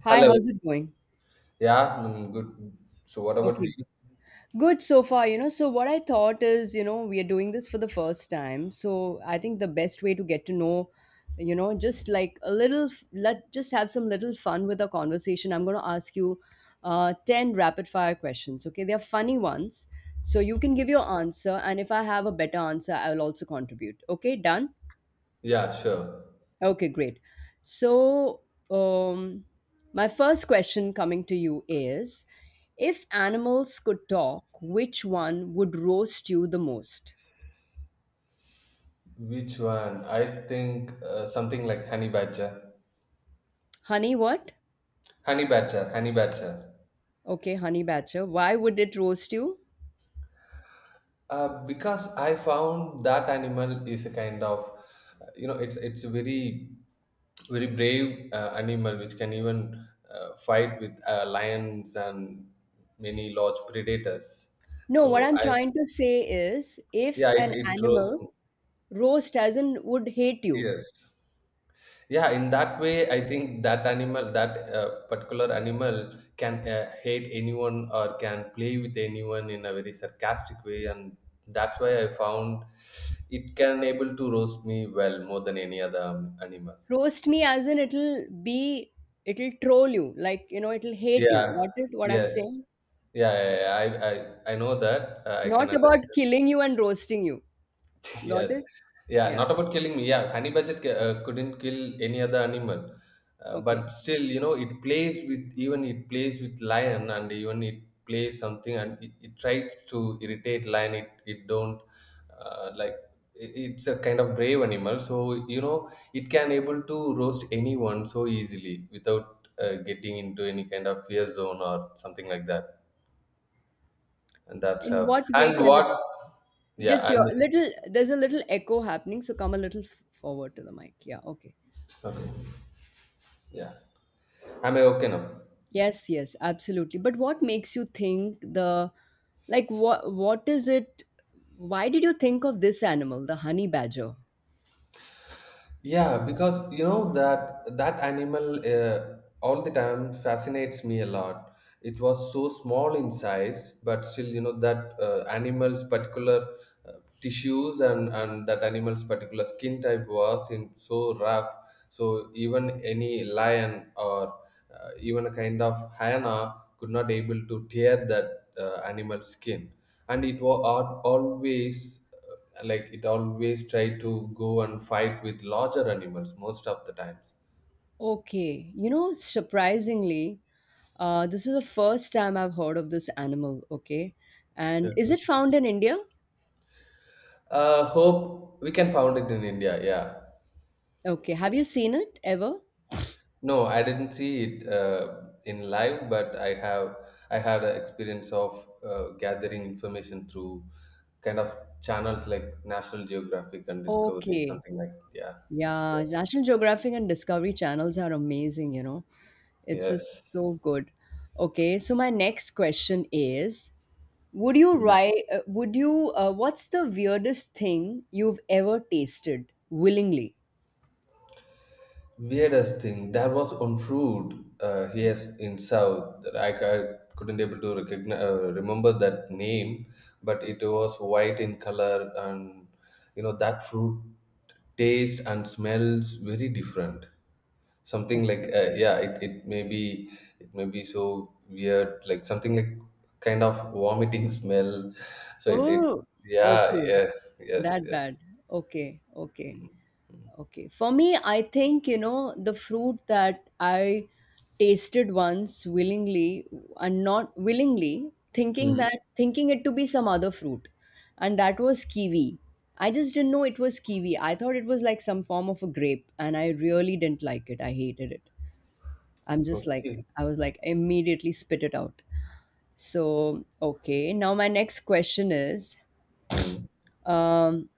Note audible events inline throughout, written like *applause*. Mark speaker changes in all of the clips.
Speaker 1: Hi,
Speaker 2: Hello.
Speaker 1: how's it going?
Speaker 2: Yeah, good. So, what about
Speaker 1: Okay,
Speaker 2: you?
Speaker 1: good so far. So what I thought is, we are doing this for the first time. So I think the best way to get to know, just like a little, let just have some little fun with our conversation. I'm going to ask you 10 rapid fire questions. Okay, they're funny ones. So you can give your answer. And if I have a better answer, I will also contribute. Okay, done?
Speaker 2: Yeah, sure.
Speaker 1: Okay, great. So, um, my first question coming to you is if animals could talk, which one would roast you the most?
Speaker 2: Which one? I think something like honey badger.
Speaker 1: Honey, what?
Speaker 2: Honey badger, honey badger.
Speaker 1: Okay, honey badger. Why would it roast you?
Speaker 2: Because I found that animal is a kind of, it's a very, very brave animal which can even fight with lions and many large predators.
Speaker 1: No, what
Speaker 2: So
Speaker 1: I'm
Speaker 2: I,
Speaker 1: trying to say is if
Speaker 2: yeah, it,
Speaker 1: an
Speaker 2: it draws.
Speaker 1: animal roast as in would hate you,
Speaker 2: Yes. Yeah, in that way I think that animal that particular animal can hate anyone or can play with anyone in a very sarcastic way, and that's why I found it can able to roast me well more than any other animal.
Speaker 1: roast me as in it'll be, it'll troll you, like, it'll hate you.
Speaker 2: Yeah,
Speaker 1: Got it? What I'm
Speaker 2: yes,
Speaker 1: saying?
Speaker 2: yeah, yeah, yeah. I know that I
Speaker 1: Not
Speaker 2: can
Speaker 1: about
Speaker 2: understand.
Speaker 1: killing you and roasting you. Got
Speaker 2: Yes.
Speaker 1: it?
Speaker 2: Yeah,
Speaker 1: Yeah.
Speaker 2: not about killing me. Yeah, honey badger couldn't kill any other animal. But
Speaker 1: Okay.
Speaker 2: still, it plays with, even it plays with lion, and even it plays something, and it tries to irritate lion. It don't uh, like it's a kind of brave animal. So it can able to roast anyone so easily without getting into any kind of fear zone or something like that. And that's
Speaker 1: In
Speaker 2: how.
Speaker 1: what way
Speaker 2: And
Speaker 1: can it
Speaker 2: what?
Speaker 1: just
Speaker 2: Yeah.
Speaker 1: your
Speaker 2: And
Speaker 1: little there's a little echo happening, so come a little forward to the mic. Yeah, okay.
Speaker 2: okay. Yeah. Am I okay now?
Speaker 1: Yes, yes, absolutely. But what makes you think the like what is it why did you think of this animal, the honey badger?
Speaker 2: Yeah, because you know that that animal all the time fascinates me a lot. It was so small in size, but still, you know that animal's particular uh, tissues, and that animal's particular skin type was in so rough. So even any lion or even a kind of hyena could not able to tear that animal's skin, and it was always, like, it always try to go and fight with larger animals most of the times.
Speaker 1: Okay. You know, surprisingly, this is the first time I've heard of this animal, okay? And is
Speaker 2: Okay,
Speaker 1: it found in India?
Speaker 2: hope we can found it in India. Yeah.
Speaker 1: Okay. Have you seen it ever?
Speaker 2: No, I didn't see it in live, but I had an experience of gathering information through kind of channels like National Geographic and Discovery,
Speaker 1: Okay.
Speaker 2: something like. Yeah.
Speaker 1: Yeah,
Speaker 2: Yes.
Speaker 1: National Geographic and Discovery channels are amazing, you know. It's just
Speaker 2: Yes.
Speaker 1: so good. Okay, so my next question is, would you write, would you, what's the weirdest thing you've ever tasted willingly?
Speaker 2: Weirdest thing that was on food here in South, that I couldn't able to recognize, remember that name, but it was white in color, and you know that fruit taste and smells very different. Something
Speaker 1: Okay.
Speaker 2: like, yeah, it may be so weird, like something like kind of vomiting smell. So it
Speaker 1: Oh,
Speaker 2: Yeah,
Speaker 1: okay.
Speaker 2: yeah, yes,
Speaker 1: That
Speaker 2: yes.
Speaker 1: bad. Okay, okay. Okay. For me, I think, the fruit that I tasted once willingly and not willingly, thinking
Speaker 2: Mhm.
Speaker 1: that thinking it to be some other fruit. And that was kiwi. I just didn't know it was kiwi. I thought it was like some form of a grape and I really didn't like it. I hated it. I'm just like
Speaker 2: Okay.
Speaker 1: I was like immediately spit it out. So, okay. Now my next question is
Speaker 2: Hmm.
Speaker 1: um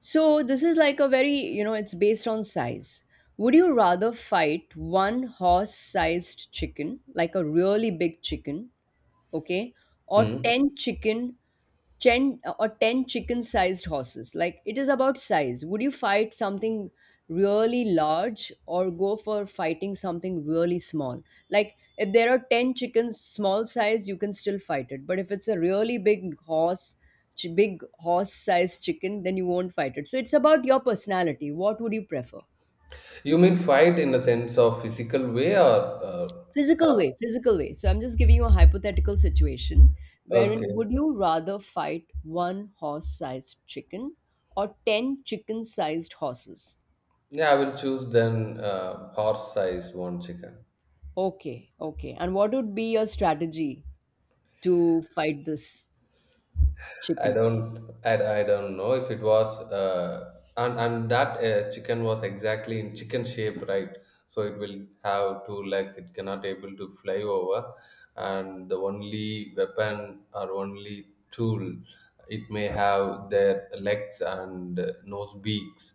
Speaker 1: so this is like a very, it's based on size. Would you rather fight one horse-sized chicken, like a really big chicken, okay, or
Speaker 2: Hmm.
Speaker 1: 10 chicken, 10 chicken sized horses? Like, it is about size. Would you fight something really large or go for fighting something really small? Like, if there are 10 chickens small size, you can still fight it, but if it's a really big big horse sized chicken, then you won't fight it. So it's about your personality. What would you prefer?
Speaker 2: You mean fight in a sense of physical way, or uh,
Speaker 1: Physical
Speaker 2: how?
Speaker 1: way, physical way. So I'm just giving you a hypothetical situation wherein would
Speaker 2: Okay.
Speaker 1: you rather fight one horse sized chicken or 10 chicken sized horses?
Speaker 2: Yeah, I will choose then horse size one chicken.
Speaker 1: Okay. Okay, and what would be your strategy to fight this
Speaker 2: I
Speaker 1: chicken?
Speaker 2: don't, I, I don't know if it was, and that chicken was exactly in chicken shape, right? So it will have two legs. It cannot able to fly over, and the only weapon or only tool it may have their legs and nose beaks.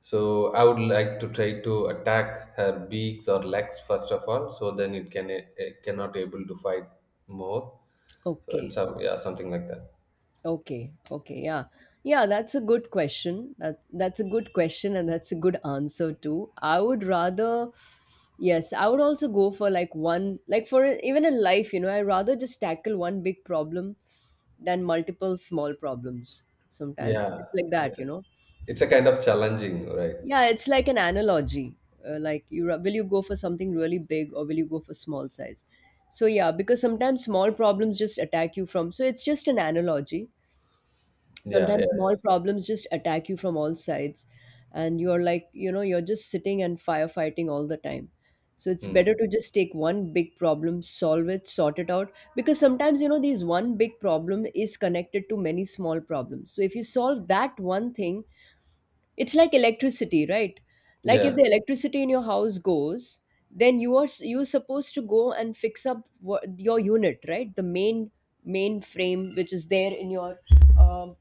Speaker 2: So I would like to try to attack her beaks or legs first of all, so then it cannot able to fight more. So in
Speaker 1: Okay.
Speaker 2: some, yeah, something like that.
Speaker 1: Okay, okay, yeah. Yeah, that's a good question. That's a good question and that's a good answer too. I would rather yes, I would also go for like one like for e, even in life, you know, I rather just tackle one big problem than multiple small problems sometimes.
Speaker 2: Yeah,
Speaker 1: It's like that,
Speaker 2: yeah.
Speaker 1: you know.
Speaker 2: It's a kind of challenging, right?
Speaker 1: Yeah, it's like an analogy. Like, you will you go for something really big or will you go for small size? So yeah, because sometimes small problems just attack you from. So it's just an analogy,
Speaker 2: Yeah,
Speaker 1: sometimes small
Speaker 2: yes.
Speaker 1: problems just attack you from all sides and you're like, you're just sitting and firefighting all the time. So it's
Speaker 2: Mm.
Speaker 1: better to just take one big problem, solve it, sort it out, because sometimes, these one big problem is connected to many small problems. So if you solve that one thing, it's like electricity, right? Like if
Speaker 2: Yeah.
Speaker 1: the electricity in your house goes, then you are you're supposed to go and fix up your unit, right? The main frame which is there in your um,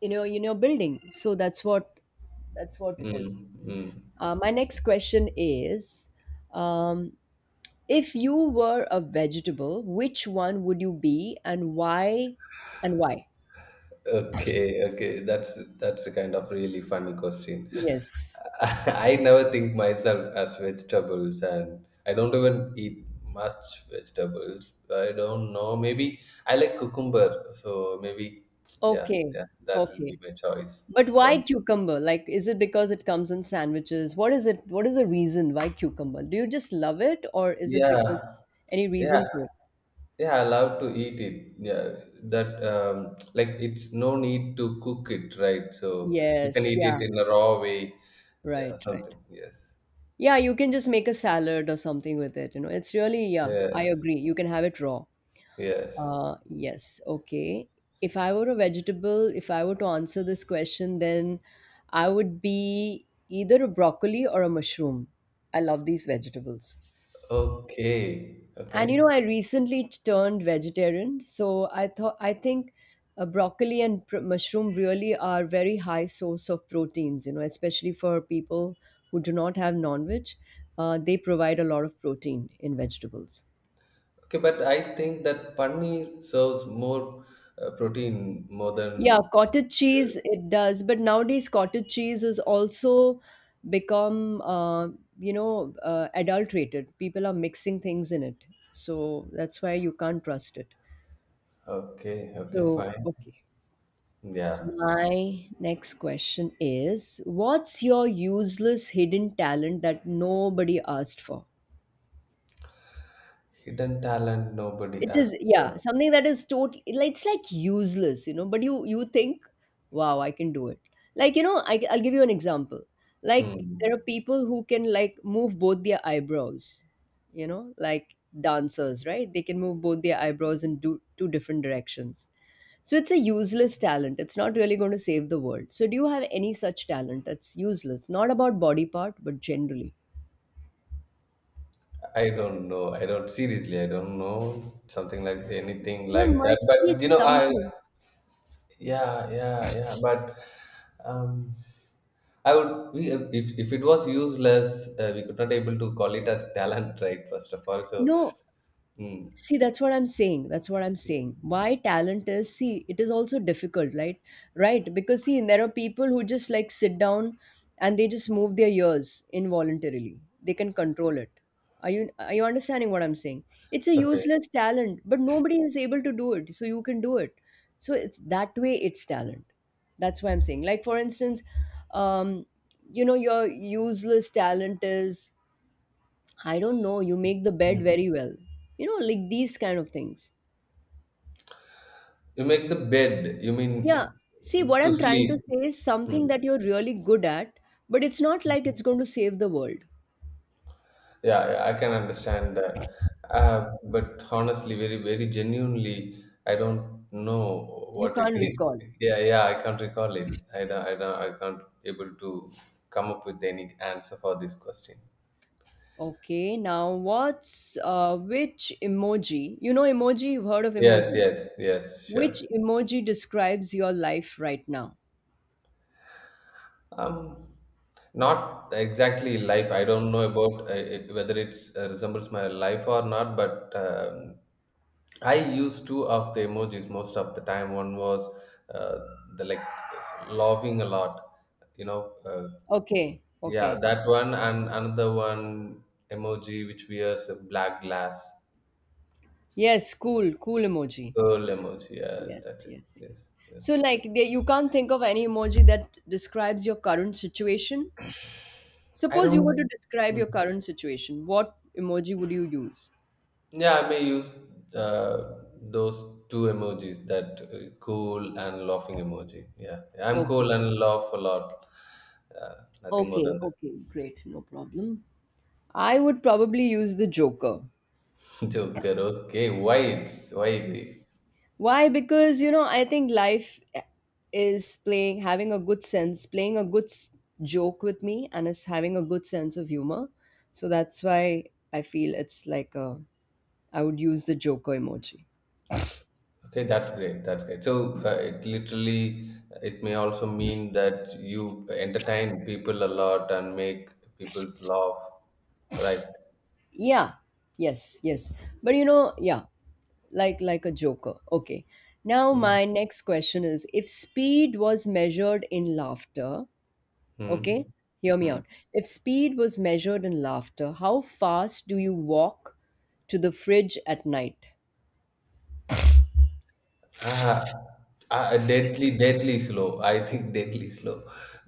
Speaker 1: you know building. So that's what it is.
Speaker 2: Mm. Mm.
Speaker 1: My next question is um, if you were a vegetable, which one would you be and why? And why?
Speaker 2: Okay, okay. That's a kind of really funny question.
Speaker 1: Yes.
Speaker 2: *laughs* I never think myself as vegetables, and I don't even eat much vegetables. I don't know. Maybe I like cucumber, so maybe. Yeah,
Speaker 1: Okay,
Speaker 2: yeah. That will be
Speaker 1: okay,
Speaker 2: my choice
Speaker 1: but why
Speaker 2: then.
Speaker 1: cucumber? Like, is it because it comes in sandwiches? What is it? What is the reason why cucumber? Do you just love it, or is it
Speaker 2: Yeah,
Speaker 1: because any reason
Speaker 2: yeah.
Speaker 1: for it?
Speaker 2: Yeah, I love to eat it. Yeah, that like it's no need to cook it, right? So we can
Speaker 1: Yes,
Speaker 2: eat
Speaker 1: yeah.
Speaker 2: it in a raw way. Yeah,
Speaker 1: Right, right.
Speaker 2: something. Yes.
Speaker 1: Yeah, you can just make a salad or something with it. You know, it's really, yeah, I
Speaker 2: Yes.
Speaker 1: agree. You can have it raw.
Speaker 2: Yes.
Speaker 1: Yes, okay. If I were a vegetable, if I were to answer this question, then I would be either a broccoli or a mushroom. I love these vegetables.
Speaker 2: Okay.
Speaker 1: And you know,
Speaker 2: Okay.
Speaker 1: I recently turned vegetarian, so I thought I think broccoli and mushroom really are very high source of proteins. You know, especially for people who do not have non-veg, they provide a lot of protein in vegetables.
Speaker 2: Okay, but I think that paneer serves more protein more
Speaker 1: Yeah,
Speaker 2: than.
Speaker 1: cottage cheese it does, but nowadays cottage cheese is also become you know adulterated. People are mixing things in it, so that's why you can't trust it.
Speaker 2: Okay. Okay.
Speaker 1: So
Speaker 2: Fine.
Speaker 1: okay.
Speaker 2: Yeah.
Speaker 1: My next question is what's your useless hidden talent that nobody asked for?
Speaker 2: Hidden talent nobody
Speaker 1: It
Speaker 2: asked
Speaker 1: is, yeah,
Speaker 2: for.
Speaker 1: something that is totally, it's like useless, you know, but you think, wow, I can do it. Like, you know, I, I'll give you an example. Like, there are
Speaker 2: Hmm.
Speaker 1: people who can, like, move both their eyebrows, you know, like dancers, right? They can move both their eyebrows in do, two different directions. So it's a useless talent. It's not really going to save the world. So do you have any such talent that's useless? Not about body part, but generally.
Speaker 2: I don't know. I don't, seriously. I don't know something like anything
Speaker 1: There
Speaker 2: like that.
Speaker 1: must be
Speaker 2: But you know, I.
Speaker 1: something.
Speaker 2: Yeah, yeah, yeah. But um, if it was useless, we could not able to call it as talent, *laughs* right? First of all, so.
Speaker 1: No,
Speaker 2: Mm,
Speaker 1: see, that's what I'm saying. That's what I'm saying. Why talent is, see, it is also difficult, right? Right. Because, see, there are people who just like sit down and they just move their ears involuntarily. They can control it. Are you understanding what I'm saying? It's a
Speaker 2: okay.
Speaker 1: useless talent, but nobody is able to do it. So you can do it. So it's that way it's talent. That's why I'm saying. Like, for instance, um, you know, your useless talent is I don't know, you make the bed
Speaker 2: Mm.
Speaker 1: very well. You know, like these kind of things.
Speaker 2: You make the bed. You
Speaker 1: Yeah.
Speaker 2: mean
Speaker 1: See, what
Speaker 2: to
Speaker 1: I'm trying to
Speaker 2: sleep?
Speaker 1: say is something
Speaker 2: Hmm.
Speaker 1: that you're really good at, but it's not like it's going to save the world.
Speaker 2: Yeah, yeah, I can understand that. But honestly, very, very genuinely, I don't know
Speaker 1: You
Speaker 2: what it
Speaker 1: can't
Speaker 2: is.
Speaker 1: recall.
Speaker 2: *laughs* Yeah, yeah, I can't recall it. I can't able to come up with any answer for this question.
Speaker 1: Okay, now what's which emoji? You know, emoji, you've heard of
Speaker 2: Yes,
Speaker 1: emojis.
Speaker 2: yes, yes, sure.
Speaker 1: Which emoji describes your life right now?
Speaker 2: Um, not exactly life. I don't know about whether it's resembles my life or not, but I used two of the emojis most of the time. One was uh, the, like, laughing a lot, you know. Uh,
Speaker 1: Okay,
Speaker 2: yeah,
Speaker 1: okay.
Speaker 2: that one, and another one emoji which wears a black glass
Speaker 1: Yes, cool, cool emoji.
Speaker 2: pearl emoji. Yes,
Speaker 1: Yes,
Speaker 2: that's it.
Speaker 1: yes, yes.
Speaker 2: Yes, yes.
Speaker 1: So, like, there, you can't think of any emoji that describes your current situation.
Speaker 2: I
Speaker 1: Suppose you were to
Speaker 2: don't.
Speaker 1: describe
Speaker 2: Hmm.
Speaker 1: your current situation, what emoji would you use?
Speaker 2: Yeah, I may use those two emojis, that cool and laughing emoji. Yeah, I'm
Speaker 1: Okay,
Speaker 2: cool and laugh a lot. Uh, nothing more than that.
Speaker 1: okay, great, no problem. I would probably use the Joker.
Speaker 2: Joker. Okay, white, white.
Speaker 1: Why? Because, you know, I think life eh, is playing, having a good sense, playing a good joke with me, and is having a good sense of humor. So that's why I feel it's like a, I would use the Joker emoji.
Speaker 2: Okay, that's great. That's great. So it literally, it may also mean that you entertain people a lot and make people's laugh, right?
Speaker 1: Yeah, yes, yes. But you know, yeah, like a joker. Okay, now
Speaker 2: Mm,
Speaker 1: my next question is if speed was measured in laughter, okay,
Speaker 2: mm,
Speaker 1: hear me
Speaker 2: mm.
Speaker 1: out, if speed was measured in laughter, how fast do you walk to the fridge at night?
Speaker 2: Ah, ah, deadly, deadly slow. I think *laughs* deadly slow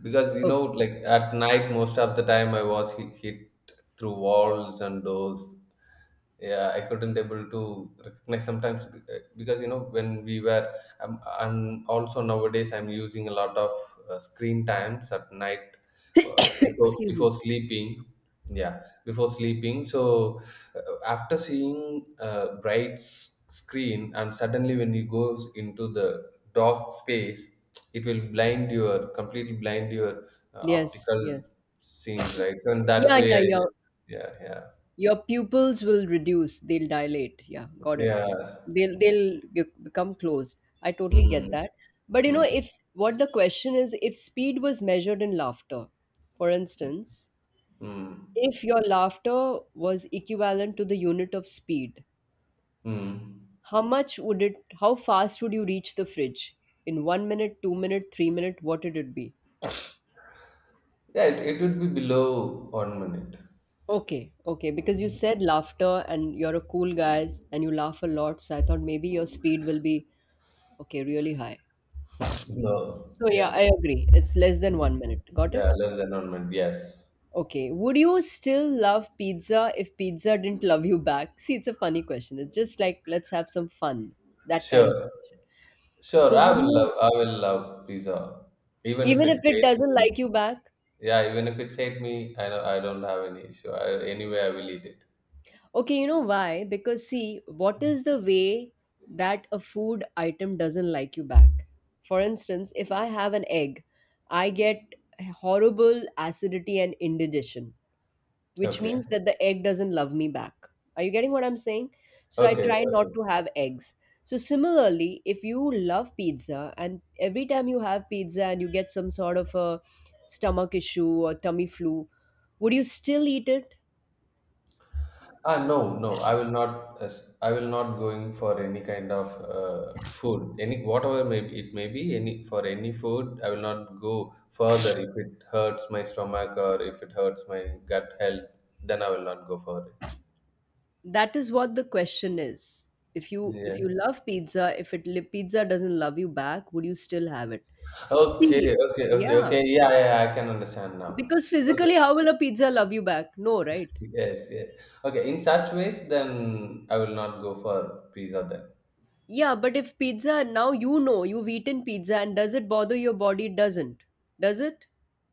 Speaker 2: because
Speaker 1: Okay.
Speaker 2: like at night, most of the time I was hit through walls and doors. Yeah, I couldn't able to recognize sometimes, because you know when we were, and also nowadays I'm using a lot of screen times at night,
Speaker 1: *coughs*
Speaker 2: before
Speaker 1: Excuse me.
Speaker 2: before sleeping. Yeah, before sleeping. So after seeing a bright screen, and suddenly when you goes into the dark space, it will blind your completely blind your
Speaker 1: Yes,
Speaker 2: optical
Speaker 1: yes,
Speaker 2: scenes, right? So in that
Speaker 1: yeah,
Speaker 2: way
Speaker 1: yeah,
Speaker 2: I.
Speaker 1: yeah.
Speaker 2: Yeah, yeah,
Speaker 1: Your pupils will reduce, they'll dilate. Yeah, got it.
Speaker 2: yeah.
Speaker 1: They'll become closed. I totally
Speaker 2: Hmm.
Speaker 1: get that. But you know,
Speaker 2: Mm,
Speaker 1: if what the question is, if speed was measured in laughter, for instance,
Speaker 2: mm,
Speaker 1: if your laughter was equivalent to the unit of speed,
Speaker 2: mm.
Speaker 1: how much would it how fast would you reach the fridge? In 1 minute, 2 minute, 3 minute, what would it be?
Speaker 2: Yeah, it would be below 1 minute.
Speaker 1: Okay, okay, because you said laughter and you're a cool guy and you laugh a lot, so I thought maybe your speed will be okay, really high.
Speaker 2: *laughs* No,
Speaker 1: So yeah,
Speaker 2: yeah,
Speaker 1: I agree. It's less than 1 minute. Got it?
Speaker 2: yeah, less than 1 minute. Yes,
Speaker 1: Okay. Would you still love pizza if pizza didn't love you back? *laughs* See, it's a funny question. It's just like let's have some fun. That kind of a
Speaker 2: sure,
Speaker 1: question.
Speaker 2: sure.
Speaker 1: So
Speaker 2: I
Speaker 1: would
Speaker 2: will love,
Speaker 1: you
Speaker 2: I will love pizza, even if
Speaker 1: even if
Speaker 2: it's
Speaker 1: it
Speaker 2: hate
Speaker 1: doesn't
Speaker 2: me.
Speaker 1: like you back?
Speaker 2: Yeah, even if it's hate me, I don't have any issue. Anyway, I will eat it.
Speaker 1: Okay, you know why? Because see, what is the way that a food item doesn't like you back? For instance, if I have an egg, I get horrible acidity and indigestion which
Speaker 2: Okay,
Speaker 1: means that the egg doesn't love me back. Are you getting what I'm saying? So I
Speaker 2: okay,
Speaker 1: try not
Speaker 2: okay.
Speaker 1: to have eggs. So similarly, if you love pizza and every time you have pizza and you get some sort of a stomach issue or tummy flu, would you still eat it?
Speaker 2: Ah, no, no, I will not. I will not going for any kind of food, any whatever may be, it may be. Any for any food, I will not go further. If it hurts my stomach or if it hurts my gut health, then I will not go for it.
Speaker 1: That is what the question is. If you
Speaker 2: Yeah.
Speaker 1: if you love pizza, if pizza doesn't love you back, would you still have it? See,
Speaker 2: Okay. Okay. Okay.
Speaker 1: yeah,
Speaker 2: Okay. Yeah. Yeah. I can understand now.
Speaker 1: because
Speaker 2: Okay.
Speaker 1: physically, how will a pizza love you back? No, right?
Speaker 2: Yes. Yes. Okay. In such ways, then I will not go for pizza. Then.
Speaker 1: Yeah, but if pizza, now you know you've eaten pizza and does it bother your body? Doesn't. Does it?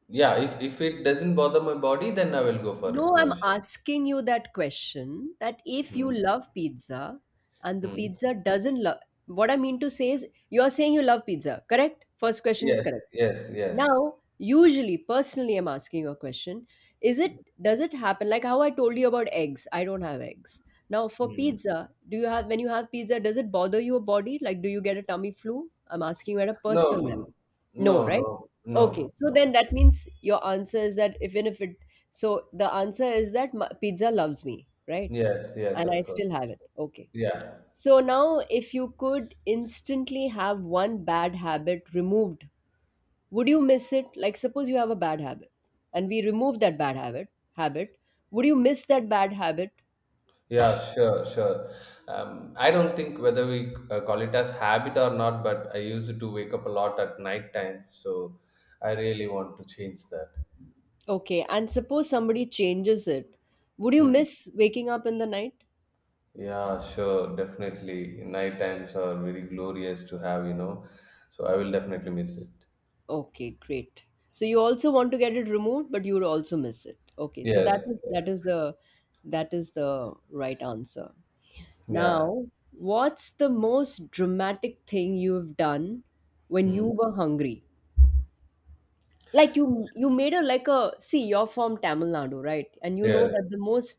Speaker 2: Yeah. If it doesn't bother my body, then I will go for it.
Speaker 1: No,
Speaker 2: No
Speaker 1: I'm
Speaker 2: issue.
Speaker 1: asking you that question that if you
Speaker 2: Hmm.
Speaker 1: love pizza and the
Speaker 2: Hmm.
Speaker 1: pizza doesn't love, what I mean to say is you're saying you love pizza, correct? First question is
Speaker 2: Yes,
Speaker 1: correct.
Speaker 2: yes, yes.
Speaker 1: Now usually, personally, I'm asking you a question, is it, does it happen like how I told you about eggs? I don't have eggs. Now for
Speaker 2: Mm.
Speaker 1: pizza, do you have, when you have pizza, does it bother your body? Like, do you get a tummy flu? I'm asking you at a
Speaker 2: No,
Speaker 1: personal level.
Speaker 2: no,
Speaker 1: No,
Speaker 2: no,
Speaker 1: right?
Speaker 2: no,
Speaker 1: Okay, so then
Speaker 2: no.
Speaker 1: that means your answer is that even if it, so the answer is that my, pizza loves me, right,
Speaker 2: Yes, yes,
Speaker 1: and I
Speaker 2: of course.
Speaker 1: still have it, okay.
Speaker 2: Yeah,
Speaker 1: So now, if you could instantly have one bad habit removed, would you miss it? Like, suppose you have a bad habit and we remove that bad habit, habit, would you miss that bad habit?
Speaker 2: yeah, sure, sure. I don't think whether we call it as habit or not, but I used to wake up a lot at night time, so I really want to change that.
Speaker 1: Okay, and suppose somebody changes it, would you
Speaker 2: Mm.
Speaker 1: miss waking up in the night?
Speaker 2: Yeah, sure, definitely. Night times are very glorious to have, so I will definitely miss it.
Speaker 1: Okay, great. So you also want to get it removed but you would also miss it, okay, so that
Speaker 2: Yes,
Speaker 1: is, that is the, that is the right answer.
Speaker 2: yeah,
Speaker 1: Now, what's the most dramatic thing you've done when you
Speaker 2: mm.
Speaker 1: were hungry? Like, you made a, like a, see, you're from Tamil Nadu, right, and you know
Speaker 2: Yes.
Speaker 1: that the most,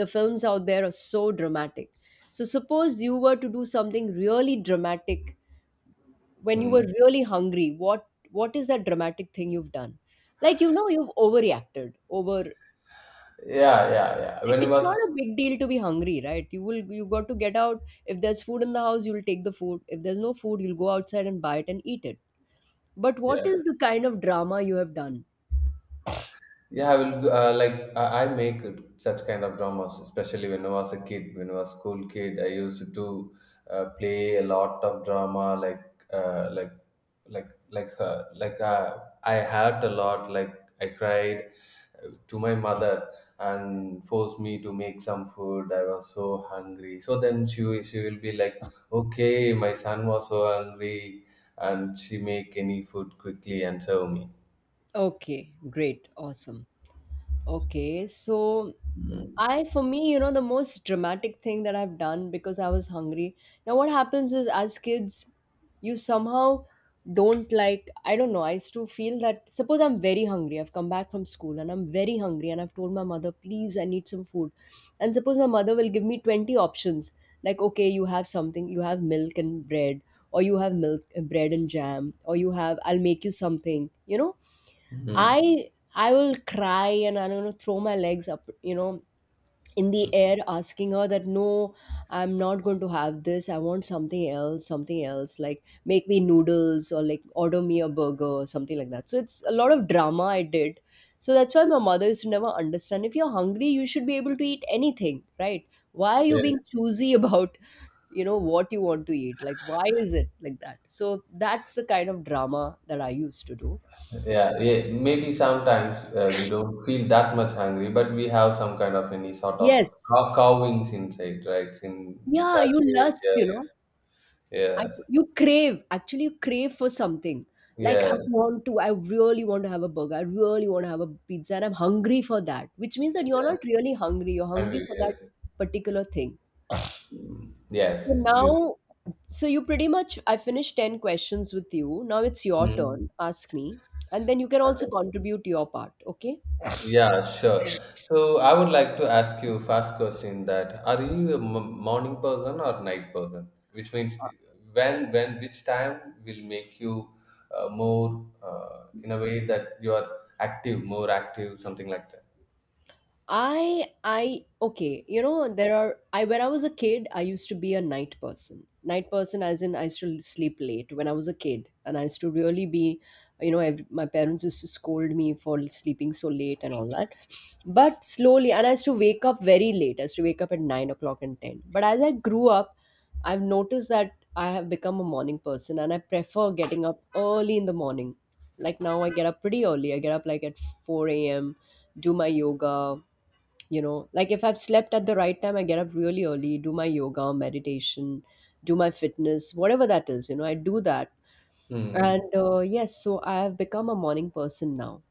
Speaker 1: the films out there are so dramatic. So suppose you were to do something really dramatic when you were
Speaker 2: Mm.
Speaker 1: really hungry, what is that dramatic thing you've done? Like, you know, you've overreacted, over,
Speaker 2: Yeah, yeah, yeah.
Speaker 1: like,
Speaker 2: When it
Speaker 1: it's not
Speaker 2: was.
Speaker 1: a big deal to be hungry, right? You will, you got to get out, if there's food in the house you'll take the food, if there's no food you'll go outside and buy it and eat it. But what
Speaker 2: Yeah,
Speaker 1: is the kind of drama you have done?
Speaker 2: yeah, I will, like, I make such kind of dramas, especially when I was a kid, when I was school kid. I used to play a lot of drama, uh, like like like uh, like uh, I hurt a lot. Like I cried to my mother and forced me to make some food. I was so hungry. So then she will be like, okay, my son was so hungry, and she make any food quickly and serve me.
Speaker 1: Okay, great, awesome. Okay, so
Speaker 2: Mm.
Speaker 1: I, for me, you know, the most dramatic thing that I've done because I was hungry. Now, what happens is as kids, you somehow don't, like, I don't know, I used to feel that suppose I'm very hungry, I've come back from school and I'm very hungry and I've told my mother, please, I need some food. And suppose my mother will give me 20 options, like, okay, you have something, you have milk and bread, or you have milk, bread and jam, or you have, I'll make you something, you know,
Speaker 2: Mhm.
Speaker 1: I will cry and I'm gonna throw my legs up, you know, in the air, asking her that no, I'm not going to have this. I want something else, something else. Like, make me noodles or like order me a burger or something like that. So it's a lot of drama I did. So that's why my mother used to never understand. If you're hungry, you should be able to eat anything, right? Why are you being choosy *laughs* about, you know, what you want to eat? Like, why is it like that? So that's the kind of drama that I used to do.
Speaker 2: Yeah, yeah, maybe sometimes we don't feel that much hungry, but we have some kind of any sort of
Speaker 1: Yes,
Speaker 2: cowings inside, right? In
Speaker 1: yeah,
Speaker 2: such
Speaker 1: you
Speaker 2: ways,
Speaker 1: lust,
Speaker 2: yeah,
Speaker 1: you know.
Speaker 2: yes,
Speaker 1: I,
Speaker 2: yes,
Speaker 1: you crave, actually you crave for something. Like, I
Speaker 2: yes,
Speaker 1: want to, I really want to have a burger. I really want to have a pizza and I'm hungry for that, which means that you're
Speaker 2: yeah,
Speaker 1: not really hungry. You're hungry
Speaker 2: hungry,
Speaker 1: for that
Speaker 2: yes.
Speaker 1: particular thing.
Speaker 2: Mm,
Speaker 1: So
Speaker 2: yes, absolutely.
Speaker 1: now, so you pretty much, I finished 10 questions with you. Now it's your
Speaker 2: Mhm.
Speaker 1: turn. Ask me. And then you can also
Speaker 2: Okay.
Speaker 1: contribute your part, okay?
Speaker 2: Yeah, sure. So I would like to ask you first question, that are you a morning person or night person? Which means when which time will make you more, in a way that you are active, more active, something like that.
Speaker 1: I okay, you know, there are, I, when I was a kid, I used to be a night person. Night person as in I used to sleep late when I was a kid and I used to really be, you know, ev my parents used to scold me for sleeping so late and all that. But slowly, and I used to wake up very late. I used to wake up at 9 o'clock and ten. But as I grew up, I've noticed that I have become a morning person and I prefer getting up early in the morning. Like now, I get up pretty early. I get up like at 4 a.m., do my yoga, you know, like if I've slept at the right time I get up really early, do my yoga, meditation, do my fitness, whatever that is, you know, I do that.
Speaker 2: Hmm.
Speaker 1: And yes, so I have become a morning person now.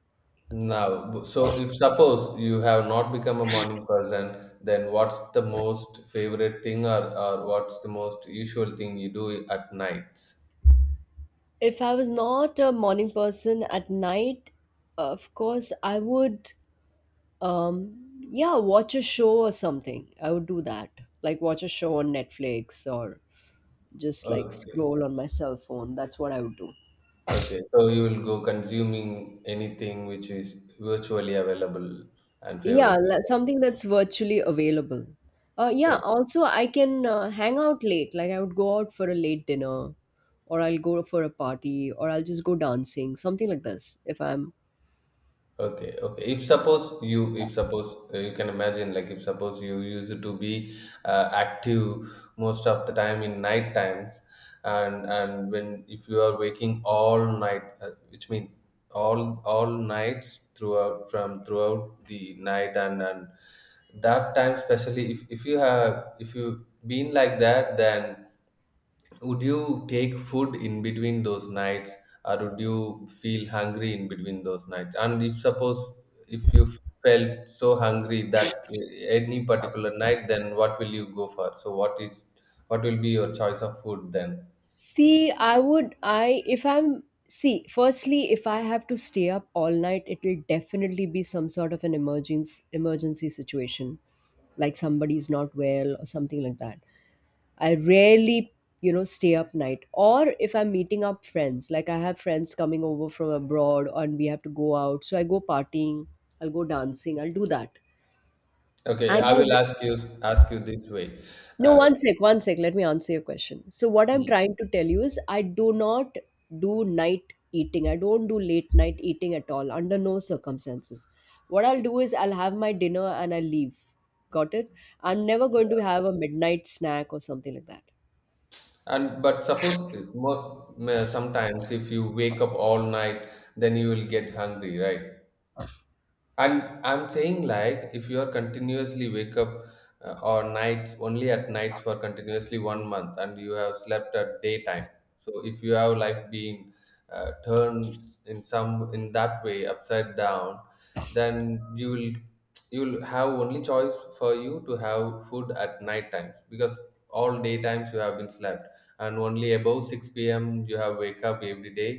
Speaker 2: Now, so if suppose you have not become a morning person, then what's the most favorite thing, or what's the most usual thing you do at nights?
Speaker 1: If I was not a morning person, at night of course I would, um yeah, watch a show or something, I would do that. Like watch a show on Netflix or just like
Speaker 2: Okay.
Speaker 1: scroll on my cell phone, that's what I would do.
Speaker 2: Okay, so you will go consuming anything which is virtually available and
Speaker 1: Yeah,
Speaker 2: favorite to you, right?
Speaker 1: something that's virtually available.
Speaker 2: So,
Speaker 1: Yeah, also I can hang out late. Like I would go out for a late dinner, or I'll go for a party, or I'll just go dancing, something like this. If I'm
Speaker 2: okay, okay. If suppose you can imagine, like if suppose you used to be active most of the time in night times, and when if you are waking all night, which means all nights throughout the night, and that time, especially if you have if you been like that, then would you take food in between those nights, or would you feel hungry in between those nights? And if you felt so hungry that any particular night, then what will you go for? So what will be your choice of food then?
Speaker 1: see, I would I if I'm See. Firstly, if I have to stay up all night, it'll definitely be some sort of an emergency situation, like somebody's not well or something like that. I rarely, you know, stay up night. Or if I'm meeting up friends, like I have friends coming over from abroad and we have to go out. So I go partying, I'll go dancing, I'll do that.
Speaker 2: Okay,
Speaker 1: And
Speaker 2: I
Speaker 1: I
Speaker 2: will ask you this way.
Speaker 1: No,
Speaker 2: Uh,
Speaker 1: one sec, one sec, let me answer your question. So what I'm
Speaker 2: Mm.
Speaker 1: trying to tell you is I do not do night eating. I don't do late night eating at all, under no circumstances. What I'll do is I'll have my dinner and I'll leave. Got it? I'm never going to have a midnight snack or something like that.
Speaker 2: and but suppose sometimes if you wake up all night, then you will get hungry, right? And I'm saying like if you are continuously wake up or nights only at nights for continuously 1 month and you have slept at daytime. So if you have life being turned in that way upside down, then you'll have only choice for you to have food at night times because all day times you have been slept and only above 6 p.m. you have wake up every day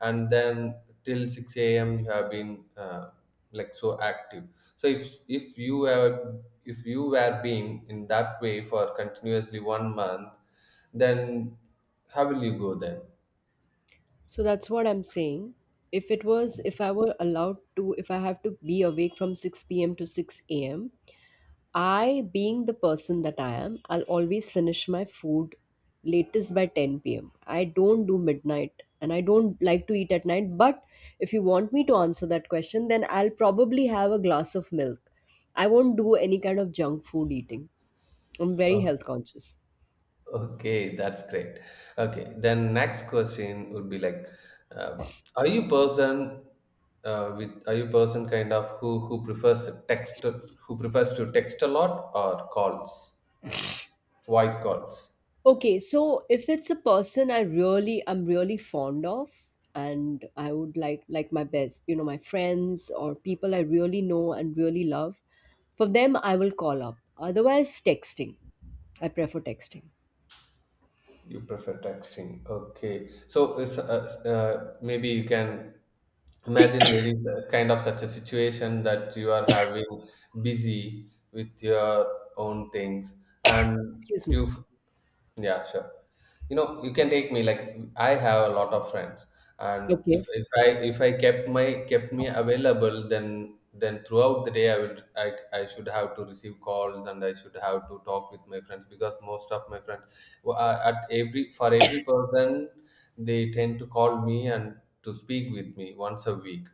Speaker 2: and then till 6 a.m you have been like so active. So if you were being in that way for continuously 1 month, then how will you go then?
Speaker 1: So that's what I'm saying. If it was, if I were allowed to, if I have to be awake from 6 p.m. to 6 a.m., I, being the person that I am, I'll always finish my food latest by 10 p.m. I don't do midnight and I don't like to eat at night. But if you want me to answer that question, then I'll probably have a glass of milk. I won't do any kind of junk food eating. I'm very
Speaker 2: Oh,
Speaker 1: health conscious.
Speaker 2: okay, that's great. Okay, then next question would be like, uh, are you person with are you person kind of who prefers to text a lot or calls, voice calls?
Speaker 1: Okay, so if it's a person I really, I'm really fond of and I would like my best, you know, my friends or people I really know and really love, for them I will call up. Otherwise texting. I prefer texting.
Speaker 2: You prefer texting. Okay. So it's, maybe you can imagine there is a kind of such a situation that you are having busy with your own things and
Speaker 1: Excuse me.
Speaker 2: you, yeah, sure, you know, you can take me like I have a lot of friends. And
Speaker 1: Okay.
Speaker 2: if I kept my kept me available, then throughout the day I should have to receive calls and I should have to talk with my friends, because most of my friends, who are at every for every person, they tend to call me and to speak with me once a week.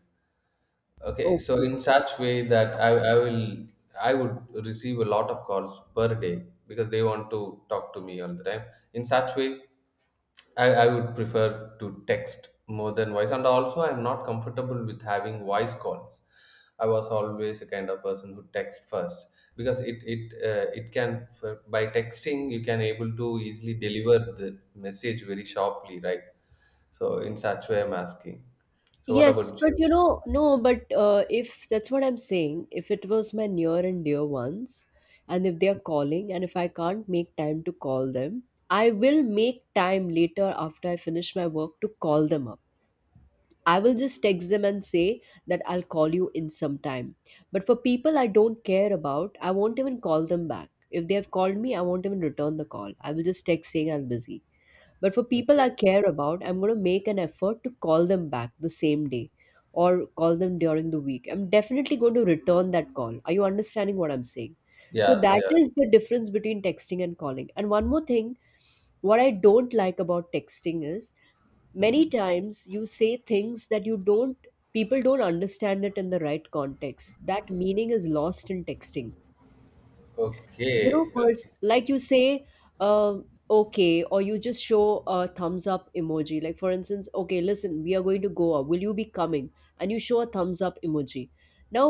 Speaker 2: Okay, so
Speaker 1: Okay.
Speaker 2: in such way that I would receive a lot of calls per day because they want to talk to me all the time. In such way, I would prefer to text more than voice, and also I'm not comfortable with having voice calls. I was always a kind of person who text first because it can by texting you can able to easily deliver the message very sharply, right? So in such way, I'm asking. So what
Speaker 1: Yes,
Speaker 2: about
Speaker 1: but
Speaker 2: you?
Speaker 1: you know, no, but if, that's what I'm saying, if it was my near and dear ones, and if they're calling, and if I can't make time to call them, I will make time later after I finish my work to call them up. I will just text them and say that I'll call you in some time. But for people I don't care about, I won't even call them back. If they have called me, I won't even return the call. I will just text saying I'm busy. But for people I
Speaker 2: Okay.
Speaker 1: care about, I'm going to make an effort to call them back the same day or call them during the week. I'm definitely going to return that call. Are you understanding what I'm saying? So
Speaker 2: Yeah,
Speaker 1: that
Speaker 2: yeah.
Speaker 1: is the difference between texting and calling. And one more thing, what I don't like about texting is many
Speaker 2: Mm.
Speaker 1: times you say things that you don't, people don't understand it in the right context. That meaning is lost in texting, you
Speaker 2: Okay,
Speaker 1: know.
Speaker 2: uh,
Speaker 1: Like you say, um okay, or you just show a thumbs up emoji. Like for instance, okay, listen, we are going to go out, will you be coming, and you show a thumbs up emoji. Now,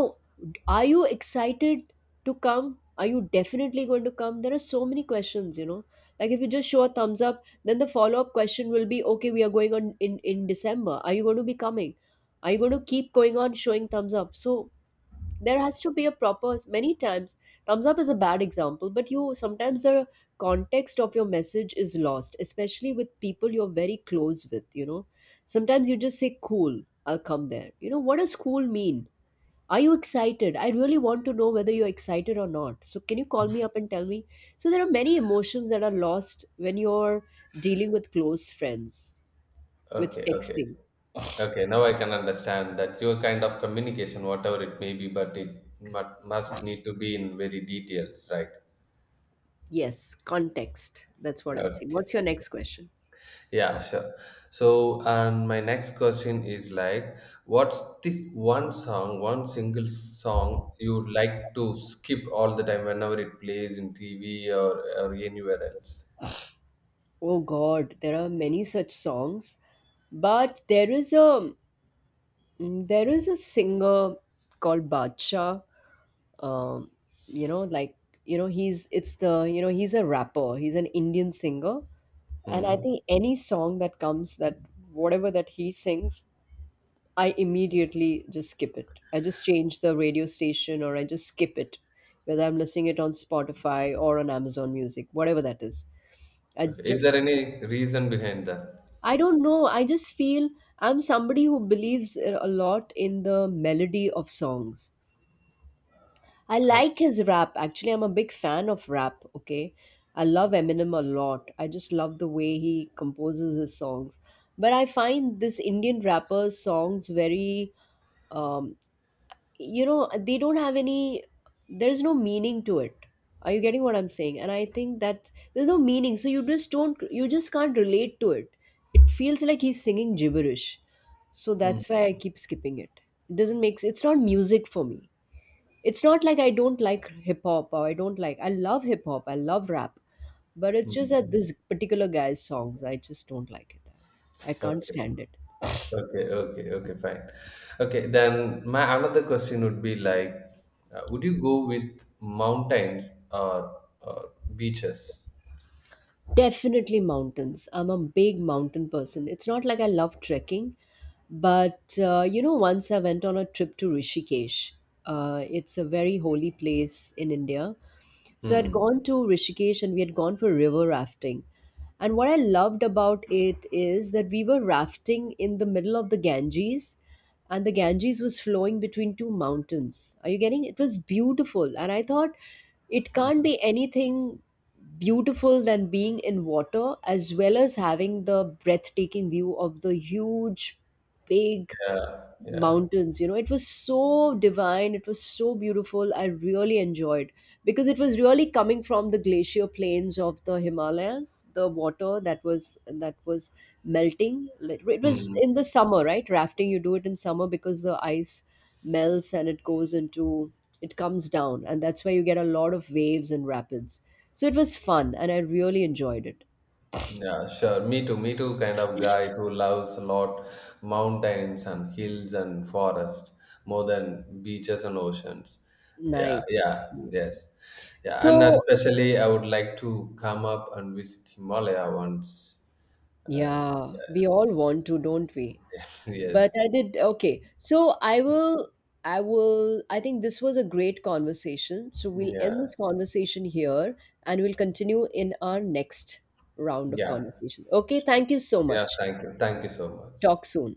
Speaker 1: are you excited to come? Are you definitely going to come? There are so many questions, you know. Like if you just show a thumbs up, then the follow up question will be, okay, we are going on in December, are you going to be coming? Are you going to keep going on showing thumbs up? So there has to be a proper, many times, thumbs up is a bad example, but you sometimes, the context of your message is lost, especially with people you're very close with, you know. Sometimes you just say cool, I'll come there, you know what does cool mean? Are you excited? I really want to know whether you're excited or not, so can you call me up and tell me? So there are many emotions that are lost when you're dealing with close friends with
Speaker 2: okay, okay,
Speaker 1: texting.
Speaker 2: okay. Now I can understand that your kind of communication, whatever it may be, but it must need to be in very details, right?
Speaker 1: Yes, context, that's what I'm saying. What's
Speaker 2: Okay.
Speaker 1: your next question?
Speaker 2: Yeah, sure. So, and my next question is like, what's this one song, one single song you'd like to skip all the time whenever it plays in TV or anywhere else?
Speaker 1: Oh God, there are many such songs, but there is a, there is a singer called Badshah. Um, you know, like, you know, he's it's the you know, he's a rapper. He's an Indian singer, and I
Speaker 2: Hmm.
Speaker 1: think any song that comes, that, whatever that he sings, I immediately just skip it. I just change the radio station or I just skip it, whether I'm listening it on Spotify or on Amazon Music, whatever that is. I
Speaker 2: Okay. Is
Speaker 1: just,
Speaker 2: there any reason behind that?
Speaker 1: I don't know. I just feel, I'm somebody who believes a lot in the melody of songs. I
Speaker 2: Uh,
Speaker 1: like his rap. Actually, I'm a big fan of rap. Okay. I love Eminem a lot. I just love the way he composes his songs. But I find this Indian rapper's songs very, um, you know, they don't have any, there's no meaning to it. Are you getting what I'm saying? And I think that there's no meaning, so you just don't, you just can't relate to it. It feels like he's singing gibberish, so
Speaker 2: Hmm.
Speaker 1: that's why I keep skipping it. It doesn't make s- It's not music for me. It's not like I don't like hip hop, or I don't like, I love hip hop, I love rap, but it's just that
Speaker 2: mm.
Speaker 1: this particular guy's songs, I just don't like it. I can't
Speaker 2: Okay,
Speaker 1: stand it.
Speaker 2: okay, fine. Okay, then my another question would be like, would you go with mountains, or beaches?
Speaker 1: Definitely mountains. I'm a big mountain person. It's not like I love trekking, but you know, once I went on a trip to Rishikesh. It's a very holy place in India. So I'd
Speaker 2: Hmm.
Speaker 1: gone to Rishikesh and we had gone for river rafting. And what I loved about it is that we were rafting in the middle of the Ganges, and the Ganges was flowing between two mountains. Are you getting it? It was beautiful. And I thought it can't be anything beautiful than being in water as well as having the breathtaking view of the huge, big
Speaker 2: Yeah, yeah.
Speaker 1: mountains, you know. It was so divine, it was so beautiful, I really enjoyed, because it was really coming from the glacier plains of the Himalayas, the water that was melting. Like, it was
Speaker 2: Hmm.
Speaker 1: in the summer, right, rafting you do it in summer because the ice melts and it goes into, it comes down, and that's why you get a lot of waves and rapids. So it was fun and I really enjoyed it.
Speaker 2: Yeah, sure. Me too. Me too. Kind of guy who loves a lot mountains and hills and forest more than beaches and oceans. Yeah,
Speaker 1: Nice,
Speaker 2: yeah,
Speaker 1: yes.
Speaker 2: yes. Yeah, and
Speaker 1: So
Speaker 2: especially I would like to come up and visit Himalaya once. Uh,
Speaker 1: yeah, we all want to, don't we?
Speaker 2: *laughs* Yes. Yes.
Speaker 1: But I did, okay. So I will I think this was a great conversation. So we'll
Speaker 2: Yeah.
Speaker 1: end this conversation here and we'll continue in our next round of
Speaker 2: Yeah.
Speaker 1: conversation. Okay, thank you so
Speaker 2: Yeah.
Speaker 1: much.
Speaker 2: Thank you. Thank you so much.
Speaker 1: Talk soon.